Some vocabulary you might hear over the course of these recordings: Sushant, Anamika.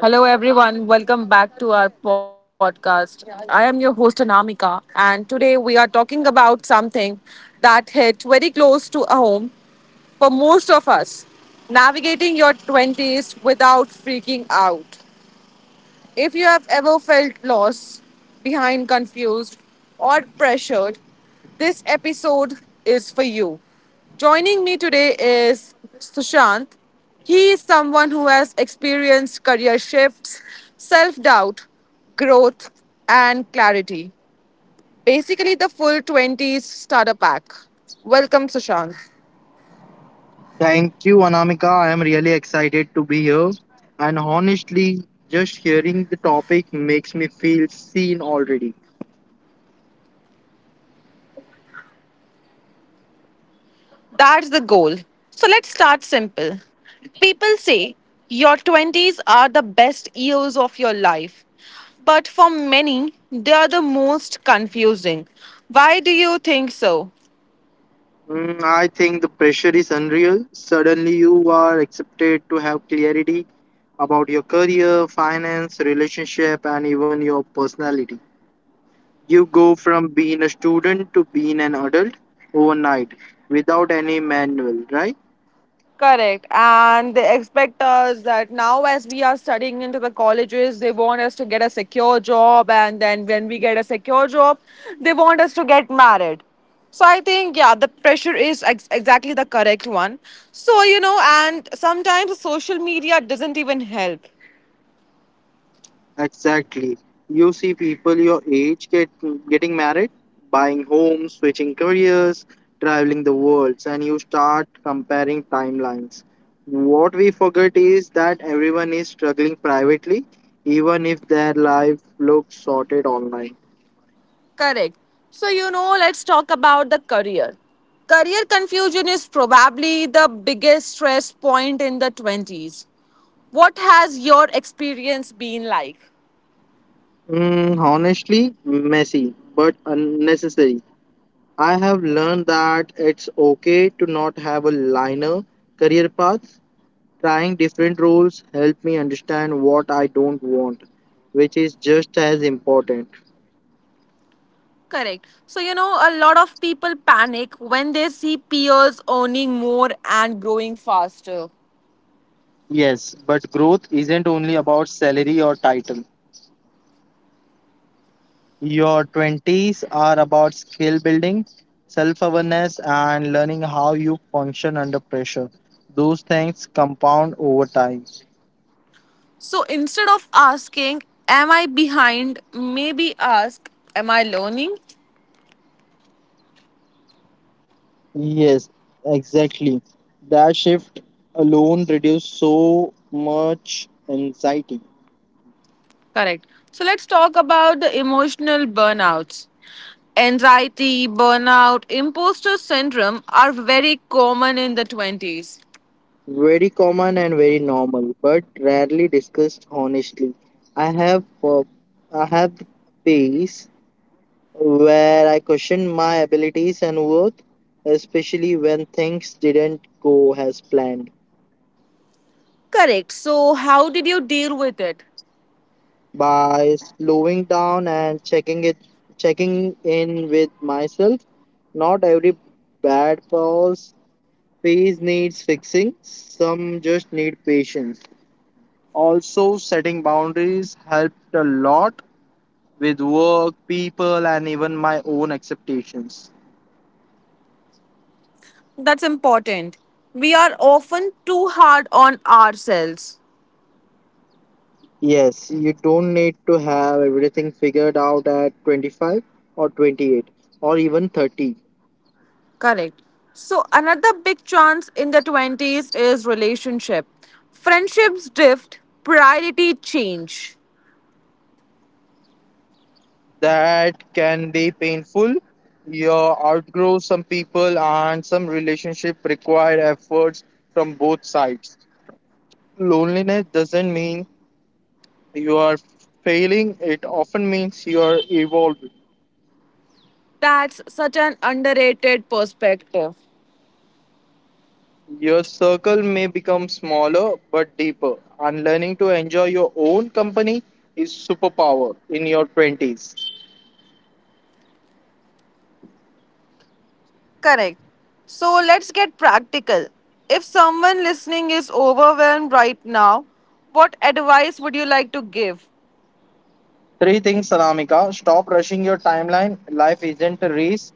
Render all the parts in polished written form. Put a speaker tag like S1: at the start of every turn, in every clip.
S1: hello everyone. Welcome back to our podcast. I am your host Anamika, and today we are talking about something that hit very close to home for most of us: navigating your 20s without freaking out. If you have ever felt lost, behind, confused, or pressured, this episode is for you. Joining me today is Sushant. He is someone who has experienced career shifts, self doubt, growth, and clarity. Basically, the full 20s starter pack. Welcome, Sushant.
S2: Thank you, Anamika. I am really excited to be here. And honestly, just hearing the topic makes me feel seen already.
S1: That's the goal. So let's start simple. People say your 20s are the best years of your life, but for many, they are the most confusing. Why do you think so?
S2: Mm, I think the pressure is unreal. Suddenly, you are accepted to have clarity about your career, finance, relationship, and even your personality. You go from being a student to being an adult overnight without any manual, right?
S1: Correct. And they expect us that now, as we are studying into the colleges, they want us to get a secure job. And then when we get a secure job, they want us to get married. So I think, yeah, the pressure is exactly the correct one. So, and sometimes social media doesn't even help.
S2: Exactly. You see people your age getting married, buying homes, switching careers, traveling the world, and you start comparing timelines. What we forget is that everyone is struggling privately, even if their life looks sorted online.
S1: Correct. So, let's talk about the career. Career confusion is probably the biggest stress point in the 20s. What has your experience been like?
S2: Mm, honestly, messy but unnecessary. I have learned that it's okay to not have a linear career path. Trying different roles helped me understand what I don't want, which is just as important.
S1: Correct. So, a lot of people panic when they see peers earning more and growing faster.
S2: Yes, but growth isn't only about salary or title. Your 20s are about skill building, self awareness, and learning how you function under pressure. Those things compound over time.
S1: So, instead of asking, "Am I behind?" maybe ask, "Am I learning?"
S2: Yes, exactly. That shift alone reduced so much anxiety.
S1: Correct. So, let's talk about the emotional burnouts. Anxiety, burnout, imposter syndrome are very common in the 20s.
S2: Very common and very normal, but rarely discussed honestly. I have uh, I have the phase where I question my abilities and worth, especially when things didn't go as planned.
S1: Correct. So, how did you deal with it?
S2: By slowing down and checking in with myself, not every bad pause phase needs fixing. Some just need patience. Also setting boundaries helped a lot with work, people, and even my own expectations.
S1: That's important. We are often too hard on ourselves.
S2: Yes, you don't need to have everything figured out at 25 or 28 or even 30.
S1: Correct. So another big chance in the 20s is relationship. Friendships drift, priority change.
S2: That can be painful. You outgrow some people, and some relationship require efforts from both sides. Loneliness doesn't mean you are failing, it often means you are evolving.
S1: That's such an underrated perspective.
S2: Your circle may become smaller but deeper, and learning to enjoy your own company is superpower in your 20s.
S1: Correct. So let's get practical. If someone listening is overwhelmed right now, what advice would you like to give?
S2: Three things, Salamika. Stop rushing your timeline. Life isn't a race.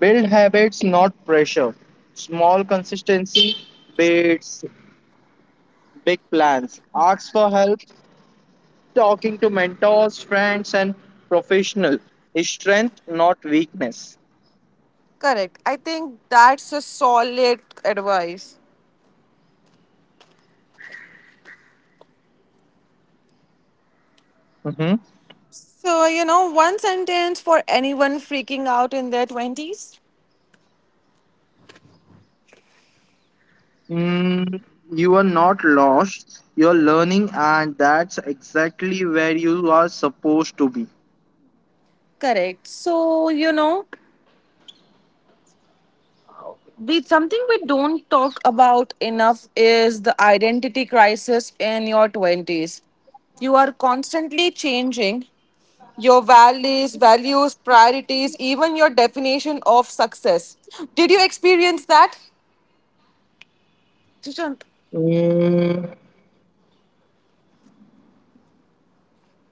S2: Build habits, not pressure. Small consistency beats big plans. Ask for help. Talking to mentors, friends, and professional is strength, not weakness.
S1: Correct. I think that's a solid advice.
S2: Mhm.
S1: So, one sentence for anyone freaking out in their 20s?
S2: Mm, you are not lost. You're learning, and that's exactly where you are supposed to be.
S1: Correct. So, you know, we something we don't talk about enough is the identity crisis in your 20s. You are constantly changing your values, priorities, even your definition of success. Did you experience that, Sushant?
S2: Mm,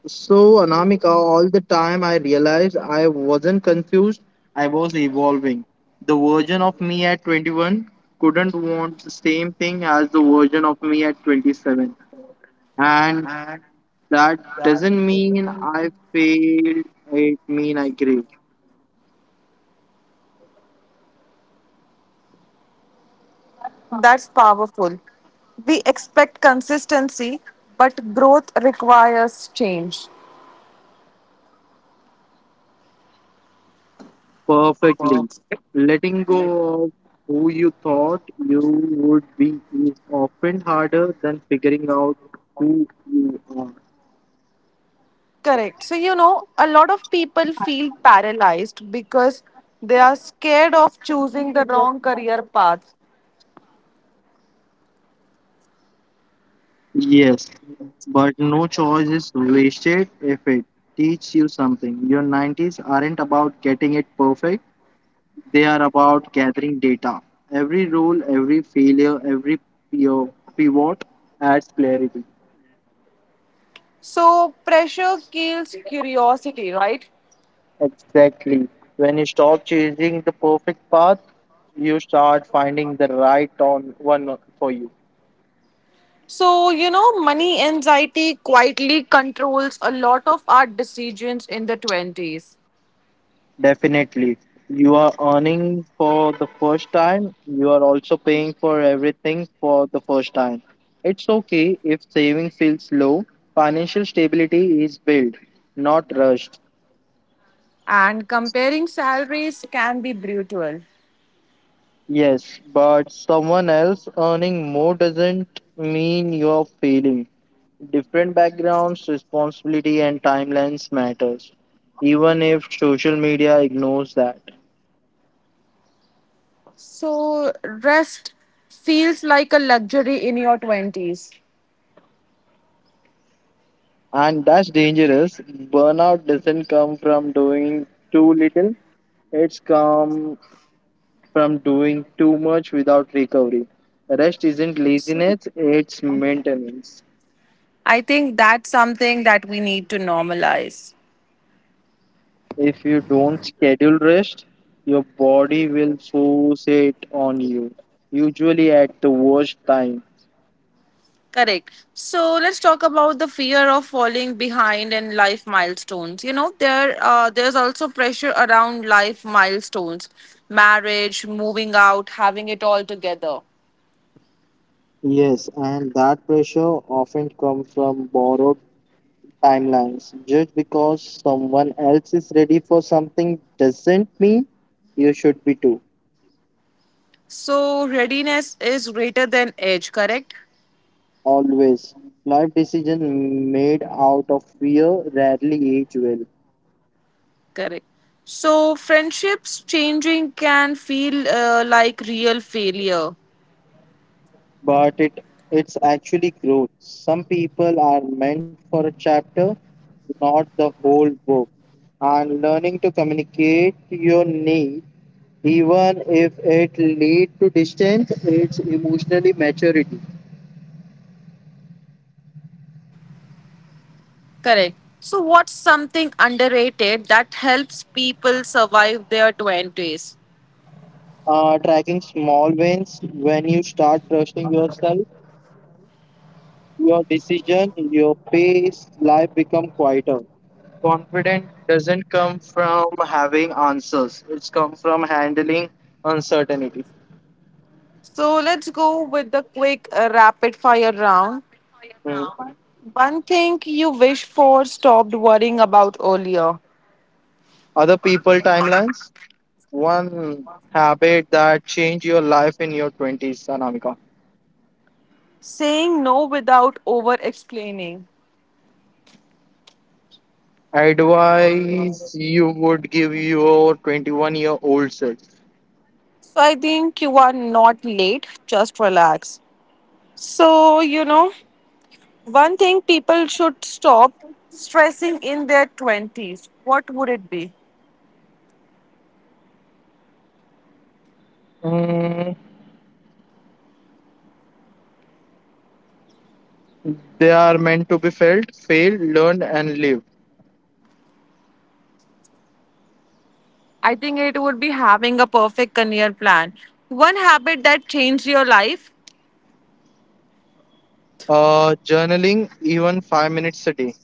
S2: so, Anamika, all the time I realized I wasn't confused, I was evolving. The version of me at 21 couldn't want the same thing as the version of me at 27. And that doesn't mean I failed, it means I grew.
S1: That's powerful. We expect consistency, but growth requires change.
S2: Perfectly. Letting go of who you thought you would be is often harder than figuring out who you are.
S1: Correct. So, a lot of people feel paralyzed because they are scared of choosing the wrong career path.
S2: Yes, but no choice is wasted if it teaches you something. Your 90s aren't about getting it perfect, they are about gathering data. Every role, every failure, every pivot adds clarity.
S1: So, pressure kills curiosity, right?
S2: Exactly. When you stop chasing the perfect path, you start finding the right on one for you.
S1: So, money anxiety quietly controls a lot of our decisions in the 20s.
S2: Definitely. You are earning for the first time. You are also paying for everything for the first time. It's okay if saving feels low. Financial stability is built, not rushed.
S1: And comparing salaries can be brutal.
S2: Yes, but someone else earning more doesn't mean you're failing. Different backgrounds, responsibility, and timelines matters, even if social media ignores that.
S1: So, rest feels like a luxury in your 20s.
S2: And that's dangerous. Burnout doesn't come from doing too little; it's come from doing too much without recovery. Rest isn't laziness; it's maintenance.
S1: I think that's something that we need to normalize.
S2: If you don't schedule rest, your body will force it on you, usually at the worst time.
S1: Correct. So let's talk about the fear of falling behind in life milestones. There's also pressure around life milestones, marriage, moving out, having it all together.
S2: Yes, and that pressure often comes from borrowed timelines. Just because someone else is ready for something doesn't mean you should be too.
S1: So readiness is greater than age. Correct.
S2: Always. Life decision made out of fear rarely age well.
S1: Correct. So friendships changing can feel like real failure.
S2: But it's actually growth. Some people are meant for a chapter, not the whole book. And learning to communicate your needs even if it lead to distance it's emotionally maturity.
S1: Correct. So, what's something underrated that helps people survive their 20s?
S2: Tracking small wins. When you start trusting yourself, your decision, your pace, life become quieter. Confidence doesn't come from having answers, it's come from handling uncertainty.
S1: So let's go with the quick rapid fire round.
S2: Mm.
S1: One thing you wish for stopped worrying about earlier.
S2: Other people timelines. One habit that changed your life in your 20s, Anamika.
S1: Saying no without over explaining.
S2: Advice you would give your 21-year-old self?
S1: So I think you are not late, just relax. So, one thing people should stop stressing in their 20s. What would it be?
S2: Mm, they are meant to be felt, failed, learned, and lived.
S1: I think it would be having a perfect career plan. One habit that changed your life,
S2: Journaling, even 5 minutes a day.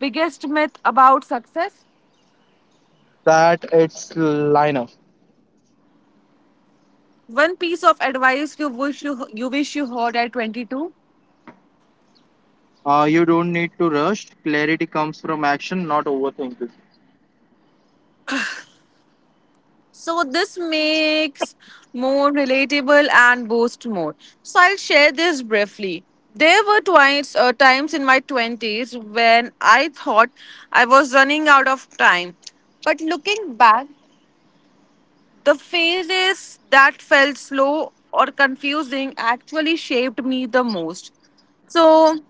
S1: biggest myth about success,
S2: That it's line up.
S1: one piece of advice you wish you heard at 22.
S2: You don't need to rush. Clarity comes from action, not overthinking.
S1: So this makes more relatable and boost more. So I'll share this briefly. There were twice times in my 20s when I thought I was running out of time. But looking back, the phases that felt slow or confusing actually shaped me the most. So,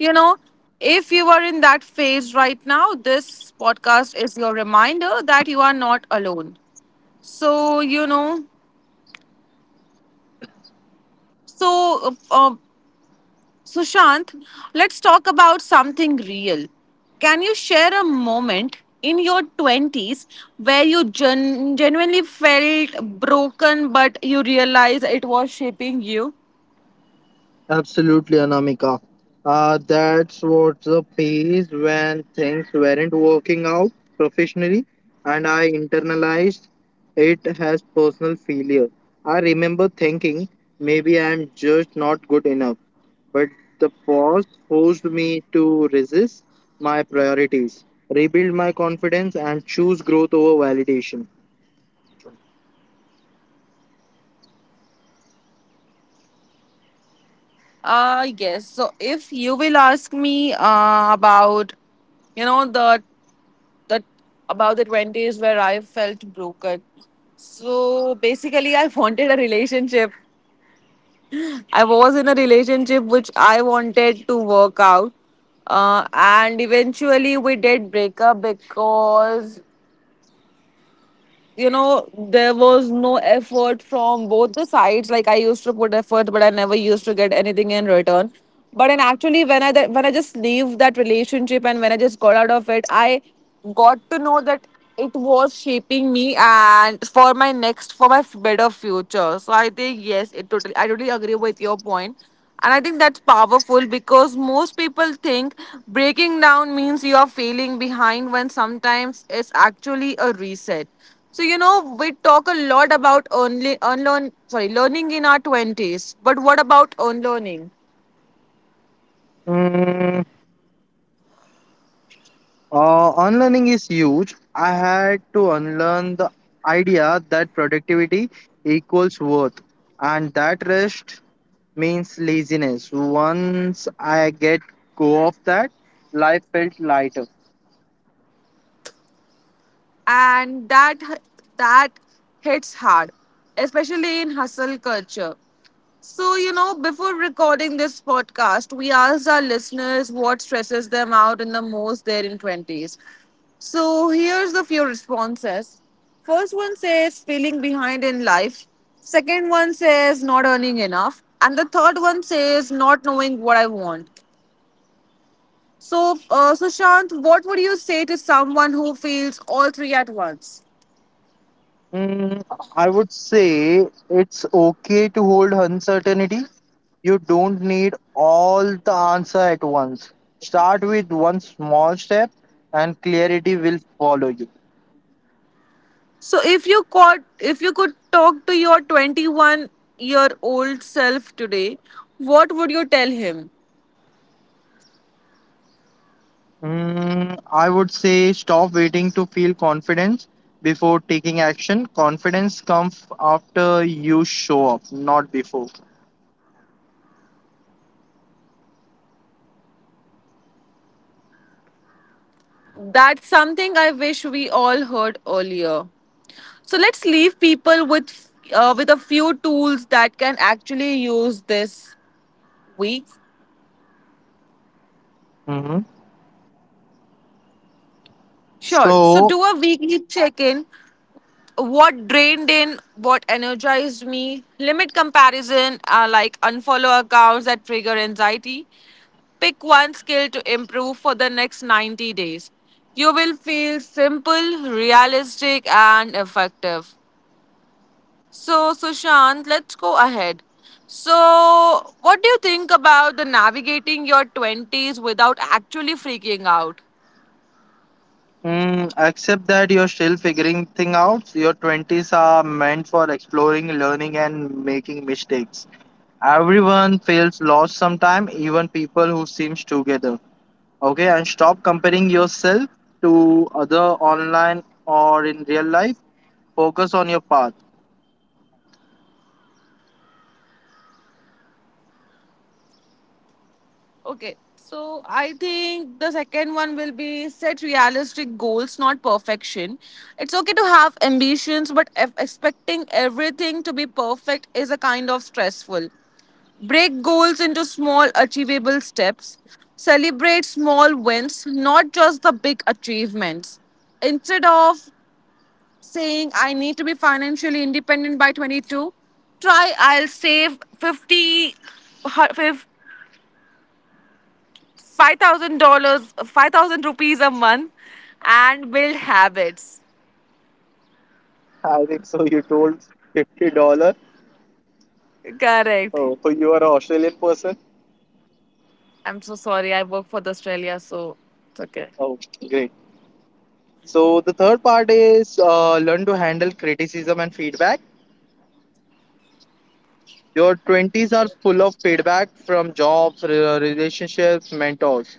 S1: you know, if you are in that phase right now, this podcast is your reminder that you are not alone. So, so, uh, um, Sushant, let's talk about something real. Can you share a moment in your 20s where you genuinely felt broken but you realized it was shaping you?
S2: Absolutely, Anamika. That's what the phase when things weren't working out professionally, and I internalized it as personal failure. I remember thinking maybe I'm just not good enough, but the pause forced me to resist my priorities, rebuild my confidence, and choose growth over validation.
S1: Yes. So if you will ask me about, you know, the about the 20s where I felt broken. So basically, I wanted a relationship. I was in a relationship which I wanted to work out, and eventually we did break up because there was no effort from both the sides. Like, I used to put effort but I never used to get anything in return. But and actually when I just leave that relationship, and when I just got out of it, I got to know that it was shaping me, and for my better future. So I think yes, it totally I totally agree with your point. And I think that's powerful because most people think breaking down means you are failing behind when sometimes it's actually a reset. So we talk a lot about only unlearn sorry learning in our 20s, but what about unlearning?
S2: Hmm. Unlearning is huge. I had to unlearn the idea that productivity equals worth and that rest means laziness. Once I get go of that, life felt lighter.
S1: And that hits hard, especially in hustle culture. So, before recording this podcast, we asked our listeners what stresses them out in the most there in 20s. So, here's the few responses. First one says feeling behind in life. Second one says not earning enough. And the third one says not knowing what I want. So, Sushant, what would you say to someone who feels all three at once?
S2: Mm, I would say it's okay to hold uncertainty. You don't need all the answer at once. Start with one small step and clarity will follow you.
S1: So if you could talk to your 21-year-old self today, what would you tell him?
S2: Mm, I would say stop waiting to feel confidence before taking action. Confidence comes after you show up, not before.
S1: That's something I wish we all heard earlier. So let's leave people with with a few tools that can actually use this week.
S2: Hmm.
S1: Sure. So
S2: So,
S1: do a weekly check-in: what drained in, what energized me, limit comparison, like unfollow accounts that trigger anxiety, pick one skill to improve for the next 90 days. You will feel simple, realistic, and effective. So, Sushant, let's go ahead. So, what do you think about the navigating your 20s without actually freaking out?
S2: Accept that you're still figuring things out. Your 20s are meant for exploring, learning, and making mistakes. Everyone feels lost sometime, even people who seems together. Okay, and stop comparing yourself to other online or in real life. Focus on your path.
S1: Okay, so I think the second one will be set realistic goals, not perfection. It's okay to have ambitions, but if expecting everything to be perfect is a kind of stressful. Break goals into small, achievable steps. Celebrate small wins, not just the big achievements. Instead of saying, I need to be financially independent by 22, try, I'll save 50 $5,000, 5,000 rupees a month, and build habits.
S2: I think so. You told $50.
S1: Correct.
S2: Oh, so you are an Australian person.
S1: I'm so sorry. I work for the Australia, so it's okay.
S2: Oh, great. So the third part is learn to handle criticism and feedback. Your twenties are full of feedback from jobs, relationships, mentors.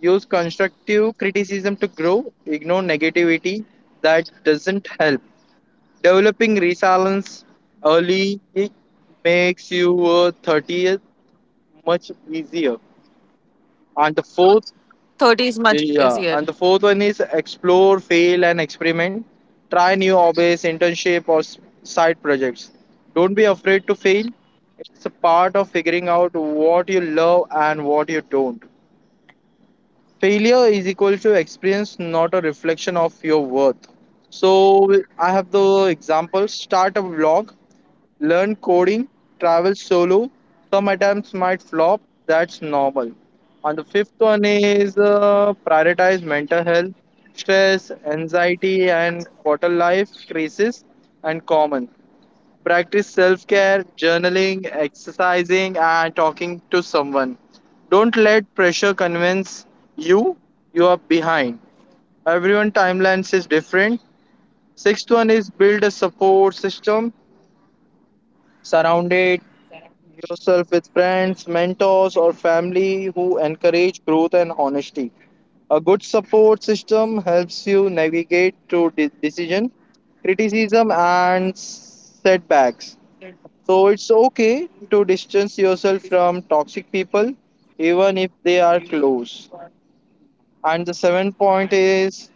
S2: Use constructive criticism to grow. Ignore negativity that doesn't help. Developing resilience early makes your 30th much easier. And the fourth.
S1: 30 is much easier.
S2: Yeah, and the fourth one is explore, fail, and experiment. Try new hobbies, internship, or side projects. Don't be afraid to fail. It's a part of figuring out what you love and what you don't. Failure is equal to experience, not a reflection of your worth. So I have the example. Start a blog, learn coding, travel solo. Some attempts might flop, that's normal. And the fifth one is, prioritize mental health. Stress, anxiety, and quarter life crisis and common. Practice self care, journaling, exercising, and talking to someone. Don't let pressure convince you you are behind. Everyone timelines is different. Sixth one is build a support system. Surround it yourself with friends, mentors, or family who encourage growth and honesty. A good support system helps you navigate through decision, criticism, and setbacks. So it's okay to distance yourself from toxic people, even if they are close. And the seventh point is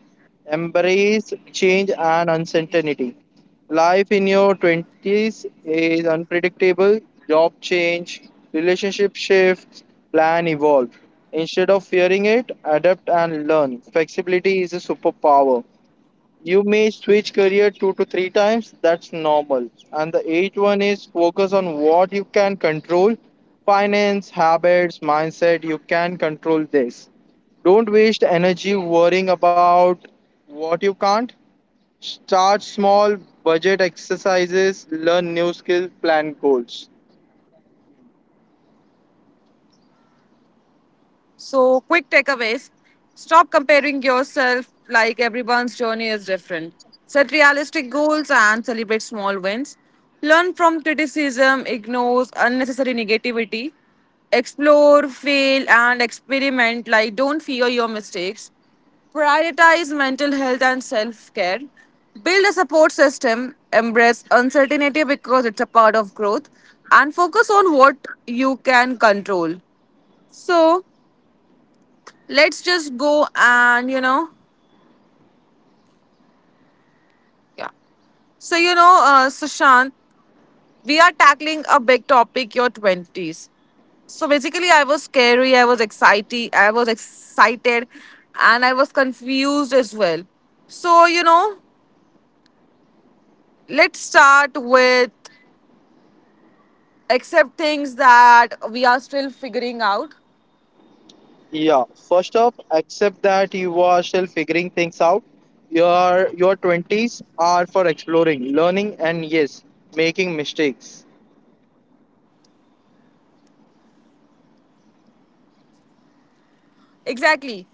S2: embrace change and uncertainty. Life in your 20s is unpredictable, job change, relationship shifts, plan evolve. Instead of fearing it, adapt and learn. Flexibility is a superpower. You may switch career two to three times, that's normal. And the eighth one is focus on what you can control: finance, habits, mindset. You can control this. Don't waste energy worrying about what you can't. Start small: budget exercises, learn new skills, plan goals.
S1: So, quick takeaways: stop comparing yourself, like everyone's journey is different. Set realistic goals and celebrate small wins. Learn from criticism, ignore unnecessary negativity. Explore, fail, and experiment. Like, don't fear your mistakes. Prioritize mental health and self care. Build a support system. Embrace uncertainty because it's a part of growth. And focus on what you can control. So, let's just go and yeah, so Sushant, we are tackling a big topic, your 20s. So basically I was scary, I was excited, I was excited, and I was confused as well. So let's start with accept things that we are still figuring out.
S2: Yeah, first up, accept that you are still figuring things out. Your 20s are for exploring, learning and yes, making mistakes.
S1: Exactly.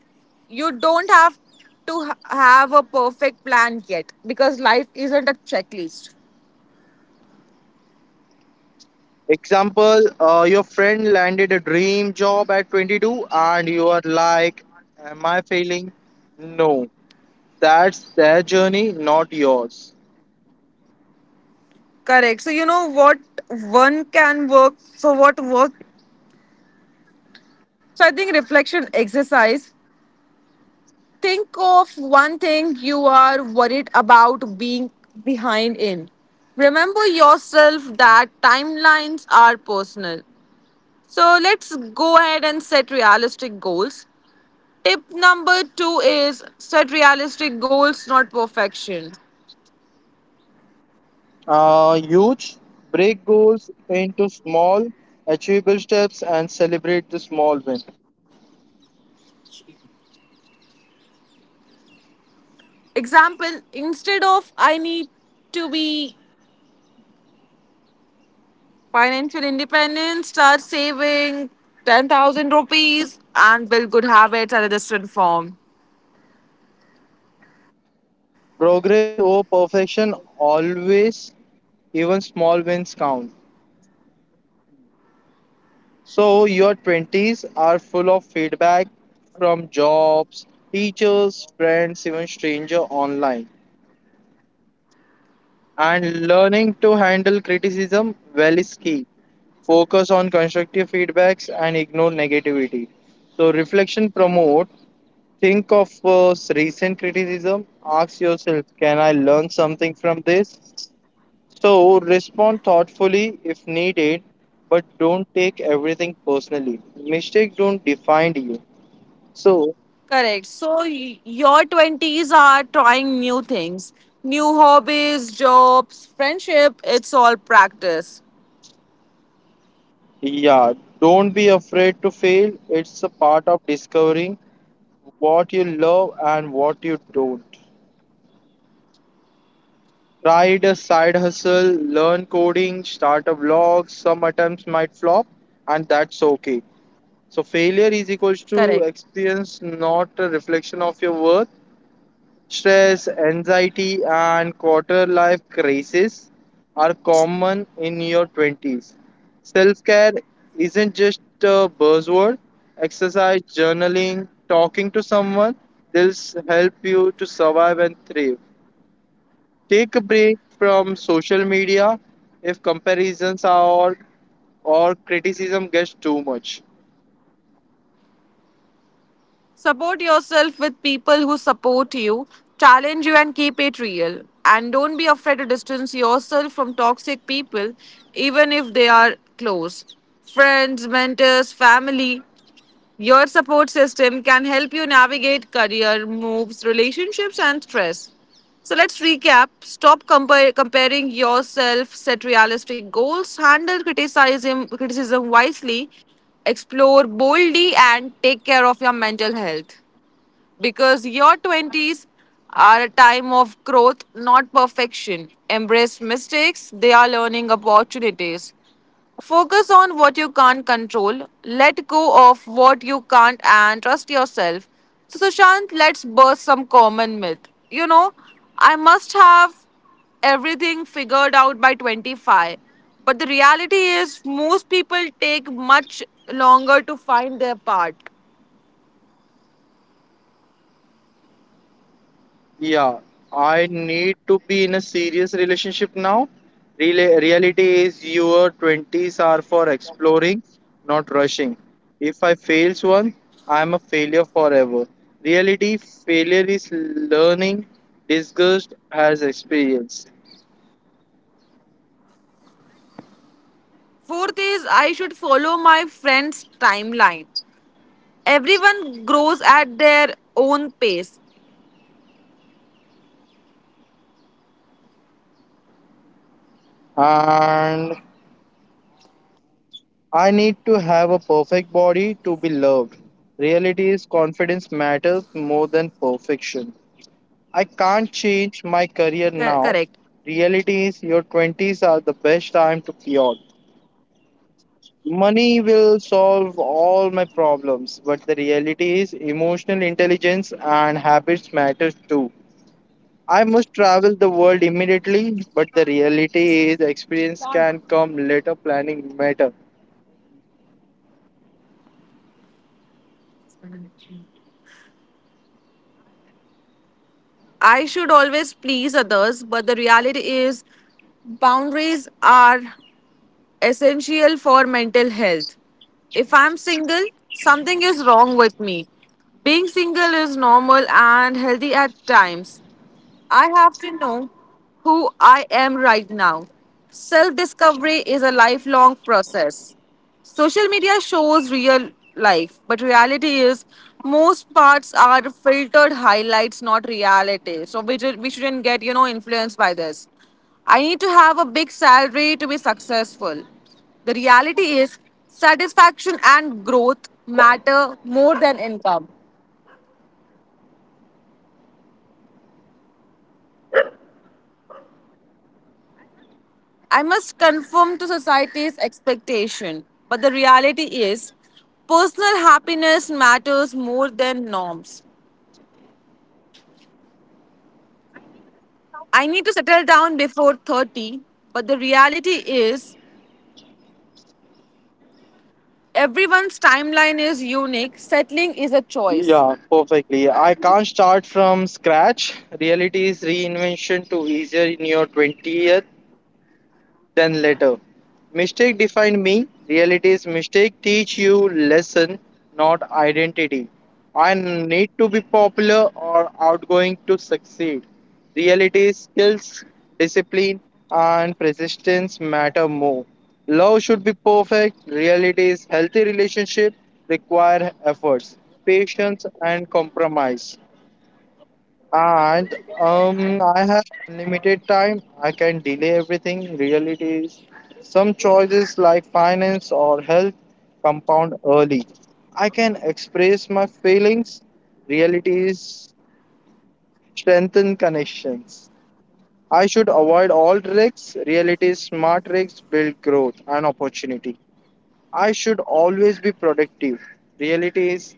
S1: You don't have to have a perfect plan yet because life isn't a checklist.
S2: Example, your friend landed a dream job at 22 and you are like, am I failing? No, that's their journey, not yours.
S1: Correct. So you know what one can work. So what work? So I think reflection exercise. Think of one thing you are worried about being behind in. Remember yourself that timelines are personal. So let's go ahead and set realistic goals. Tip number two is set realistic goals, not perfection.
S2: Huge, break goals into small, achievable steps and celebrate the small win.
S1: Example, instead of I need to be financial independence, start saving 10,000 rupees and build good habits at a distant form.
S2: Progress over perfection always, even small wins count. So, your 20s are full of feedback from jobs, teachers, friends, even stranger online. And learning to handle criticism well is key. Focus on constructive feedbacks and ignore negativity. So, reflection promote. Think of recent criticism. Ask yourself, can I learn something from this? So respond thoughtfully if needed, but don't take everything personally. Mistakes don't define you. So,
S1: Correct. So your 20s are trying new things, new hobbies, jobs, friendship, it's all practice.
S2: yeah, don't be afraid to fail. It's a part of discovering what you love and what you don't. Try a side hustle, learn coding, start a vlog. Some attempts might flop, and that's okay. So failure is equals to
S1: Correct.
S2: experience, not a reflection of your worth. Stress, anxiety, and quarter life crises are common in your 20s. Self care isn't just a buzzword. Exercise, journaling, talking to someone, they'll help you to survive and thrive. Take a break from social media if comparisons are or criticism gets too much.
S1: Support yourself with people who support you, challenge you, and keep it real. And don't be afraid to distance yourself from toxic people even if they are close. Friends, mentors, family, your support system can help you navigate career moves, relationships, and stress. So let's recap. Stop comparing yourself, set realistic goals, handle criticism wisely, explore boldly, and take care of your mental health. Because your 20s are a time of growth, not perfection. Embrace mistakes, they are learning opportunities. Focus on what you can't control, let go of what you can't, and trust yourself. So, Sushant, let's burst some common myth. You know, I must have everything figured out by 25. But the reality is, most people take much longer to find their part.
S2: Yeah, I need to be in a serious relationship now. Rela Reality is your 20s are for exploring, not rushing. If I fails one, I am a failure forever. Reality failure is learning, disgust has experience.
S1: Fourth is, I should follow my friend's timeline. Everyone grows at their own pace.
S2: And I need to have a perfect body to be loved. Reality is confidence matters more than perfection. I can't change my
S1: Cor-
S2: career
S1: correct.
S2: now. Reality is your 20s are the best time to pivot. Money will solve all my problems, but the reality is emotional intelligence and habits matter too. I must travel the world immediately, but the reality is experience can come later planning matter.
S1: I should always please others, but the reality is boundaries are essential for mental health. If I'm single, something is wrong with me. Being single is normal and healthy at times. I have to know who I am right now. Self discovery is a lifelong process. Social media shows real life, but reality is most parts are filtered highlights, not reality. So we shouldn't get, influenced by this. I need to have a big salary to be successful. The reality is, satisfaction and growth matter more than income. I must conform to society's expectation, but the reality is, personal happiness matters more than norms. I need to settle down before 30, but the reality is, everyone's timeline is unique. Settling is a choice.
S2: Yeah, perfectly. I can't start from scratch. Reality is reinvention to easier in your 20th than later. Mistake defined me. Reality is mistake teach you lesson, not identity. I need to be popular or outgoing to succeed. Reality is skills, discipline, and persistence matter more. Love should be perfect. Reality is healthy relationship require efforts, patience, and compromise. And I have unlimited time. I can delay everything. Reality is, some choices like finance or health compound early. I can express my feelings. Reality is, strengthen connections. I should avoid all tricks. Reality is, smart tricks build growth and opportunity. I should always be productive. Reality is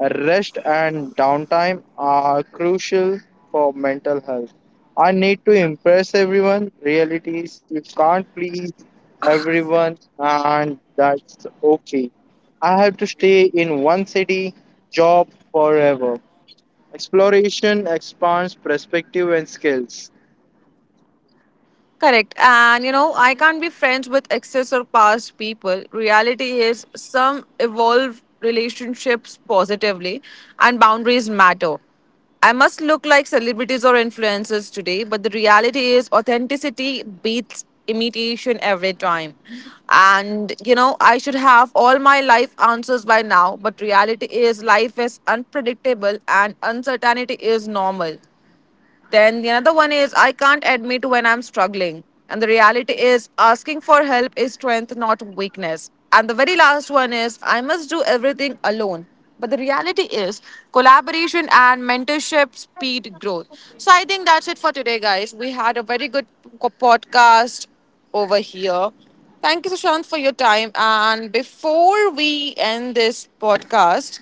S2: rest and downtime are crucial for mental health. I need to impress everyone. Reality is you can't please everyone and that's okay. I have to stay in one city job forever. Exploration expands perspective and skills.
S1: Correct. And I can't be friends with excess or past people. Reality is some evolve relationships positively and boundaries matter. I must look like celebrities or influencers today, but the reality is authenticity beats imitation every time. And I should have all my life answers by now, but reality is life is unpredictable and uncertainty is normal. Then the another one is I can't admit when I'm struggling. And the reality is asking for help is strength, not weakness. And the very last one is I must do everything alone. But the reality is collaboration and mentorship speed growth. So I think that's it for today, guys. We had a very good podcast over here. Thank you, Sushant, for your time. And before we end this podcast,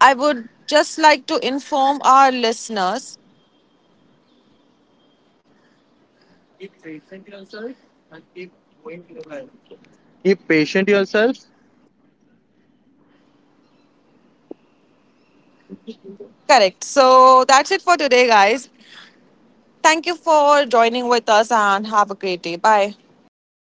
S1: I would just like to inform our listeners.
S2: Keep patient yourself and keep going more ahead.
S1: Correct. So that's it for today, guys. Thank you for joining with us and have a great day. Bye. Bye bye,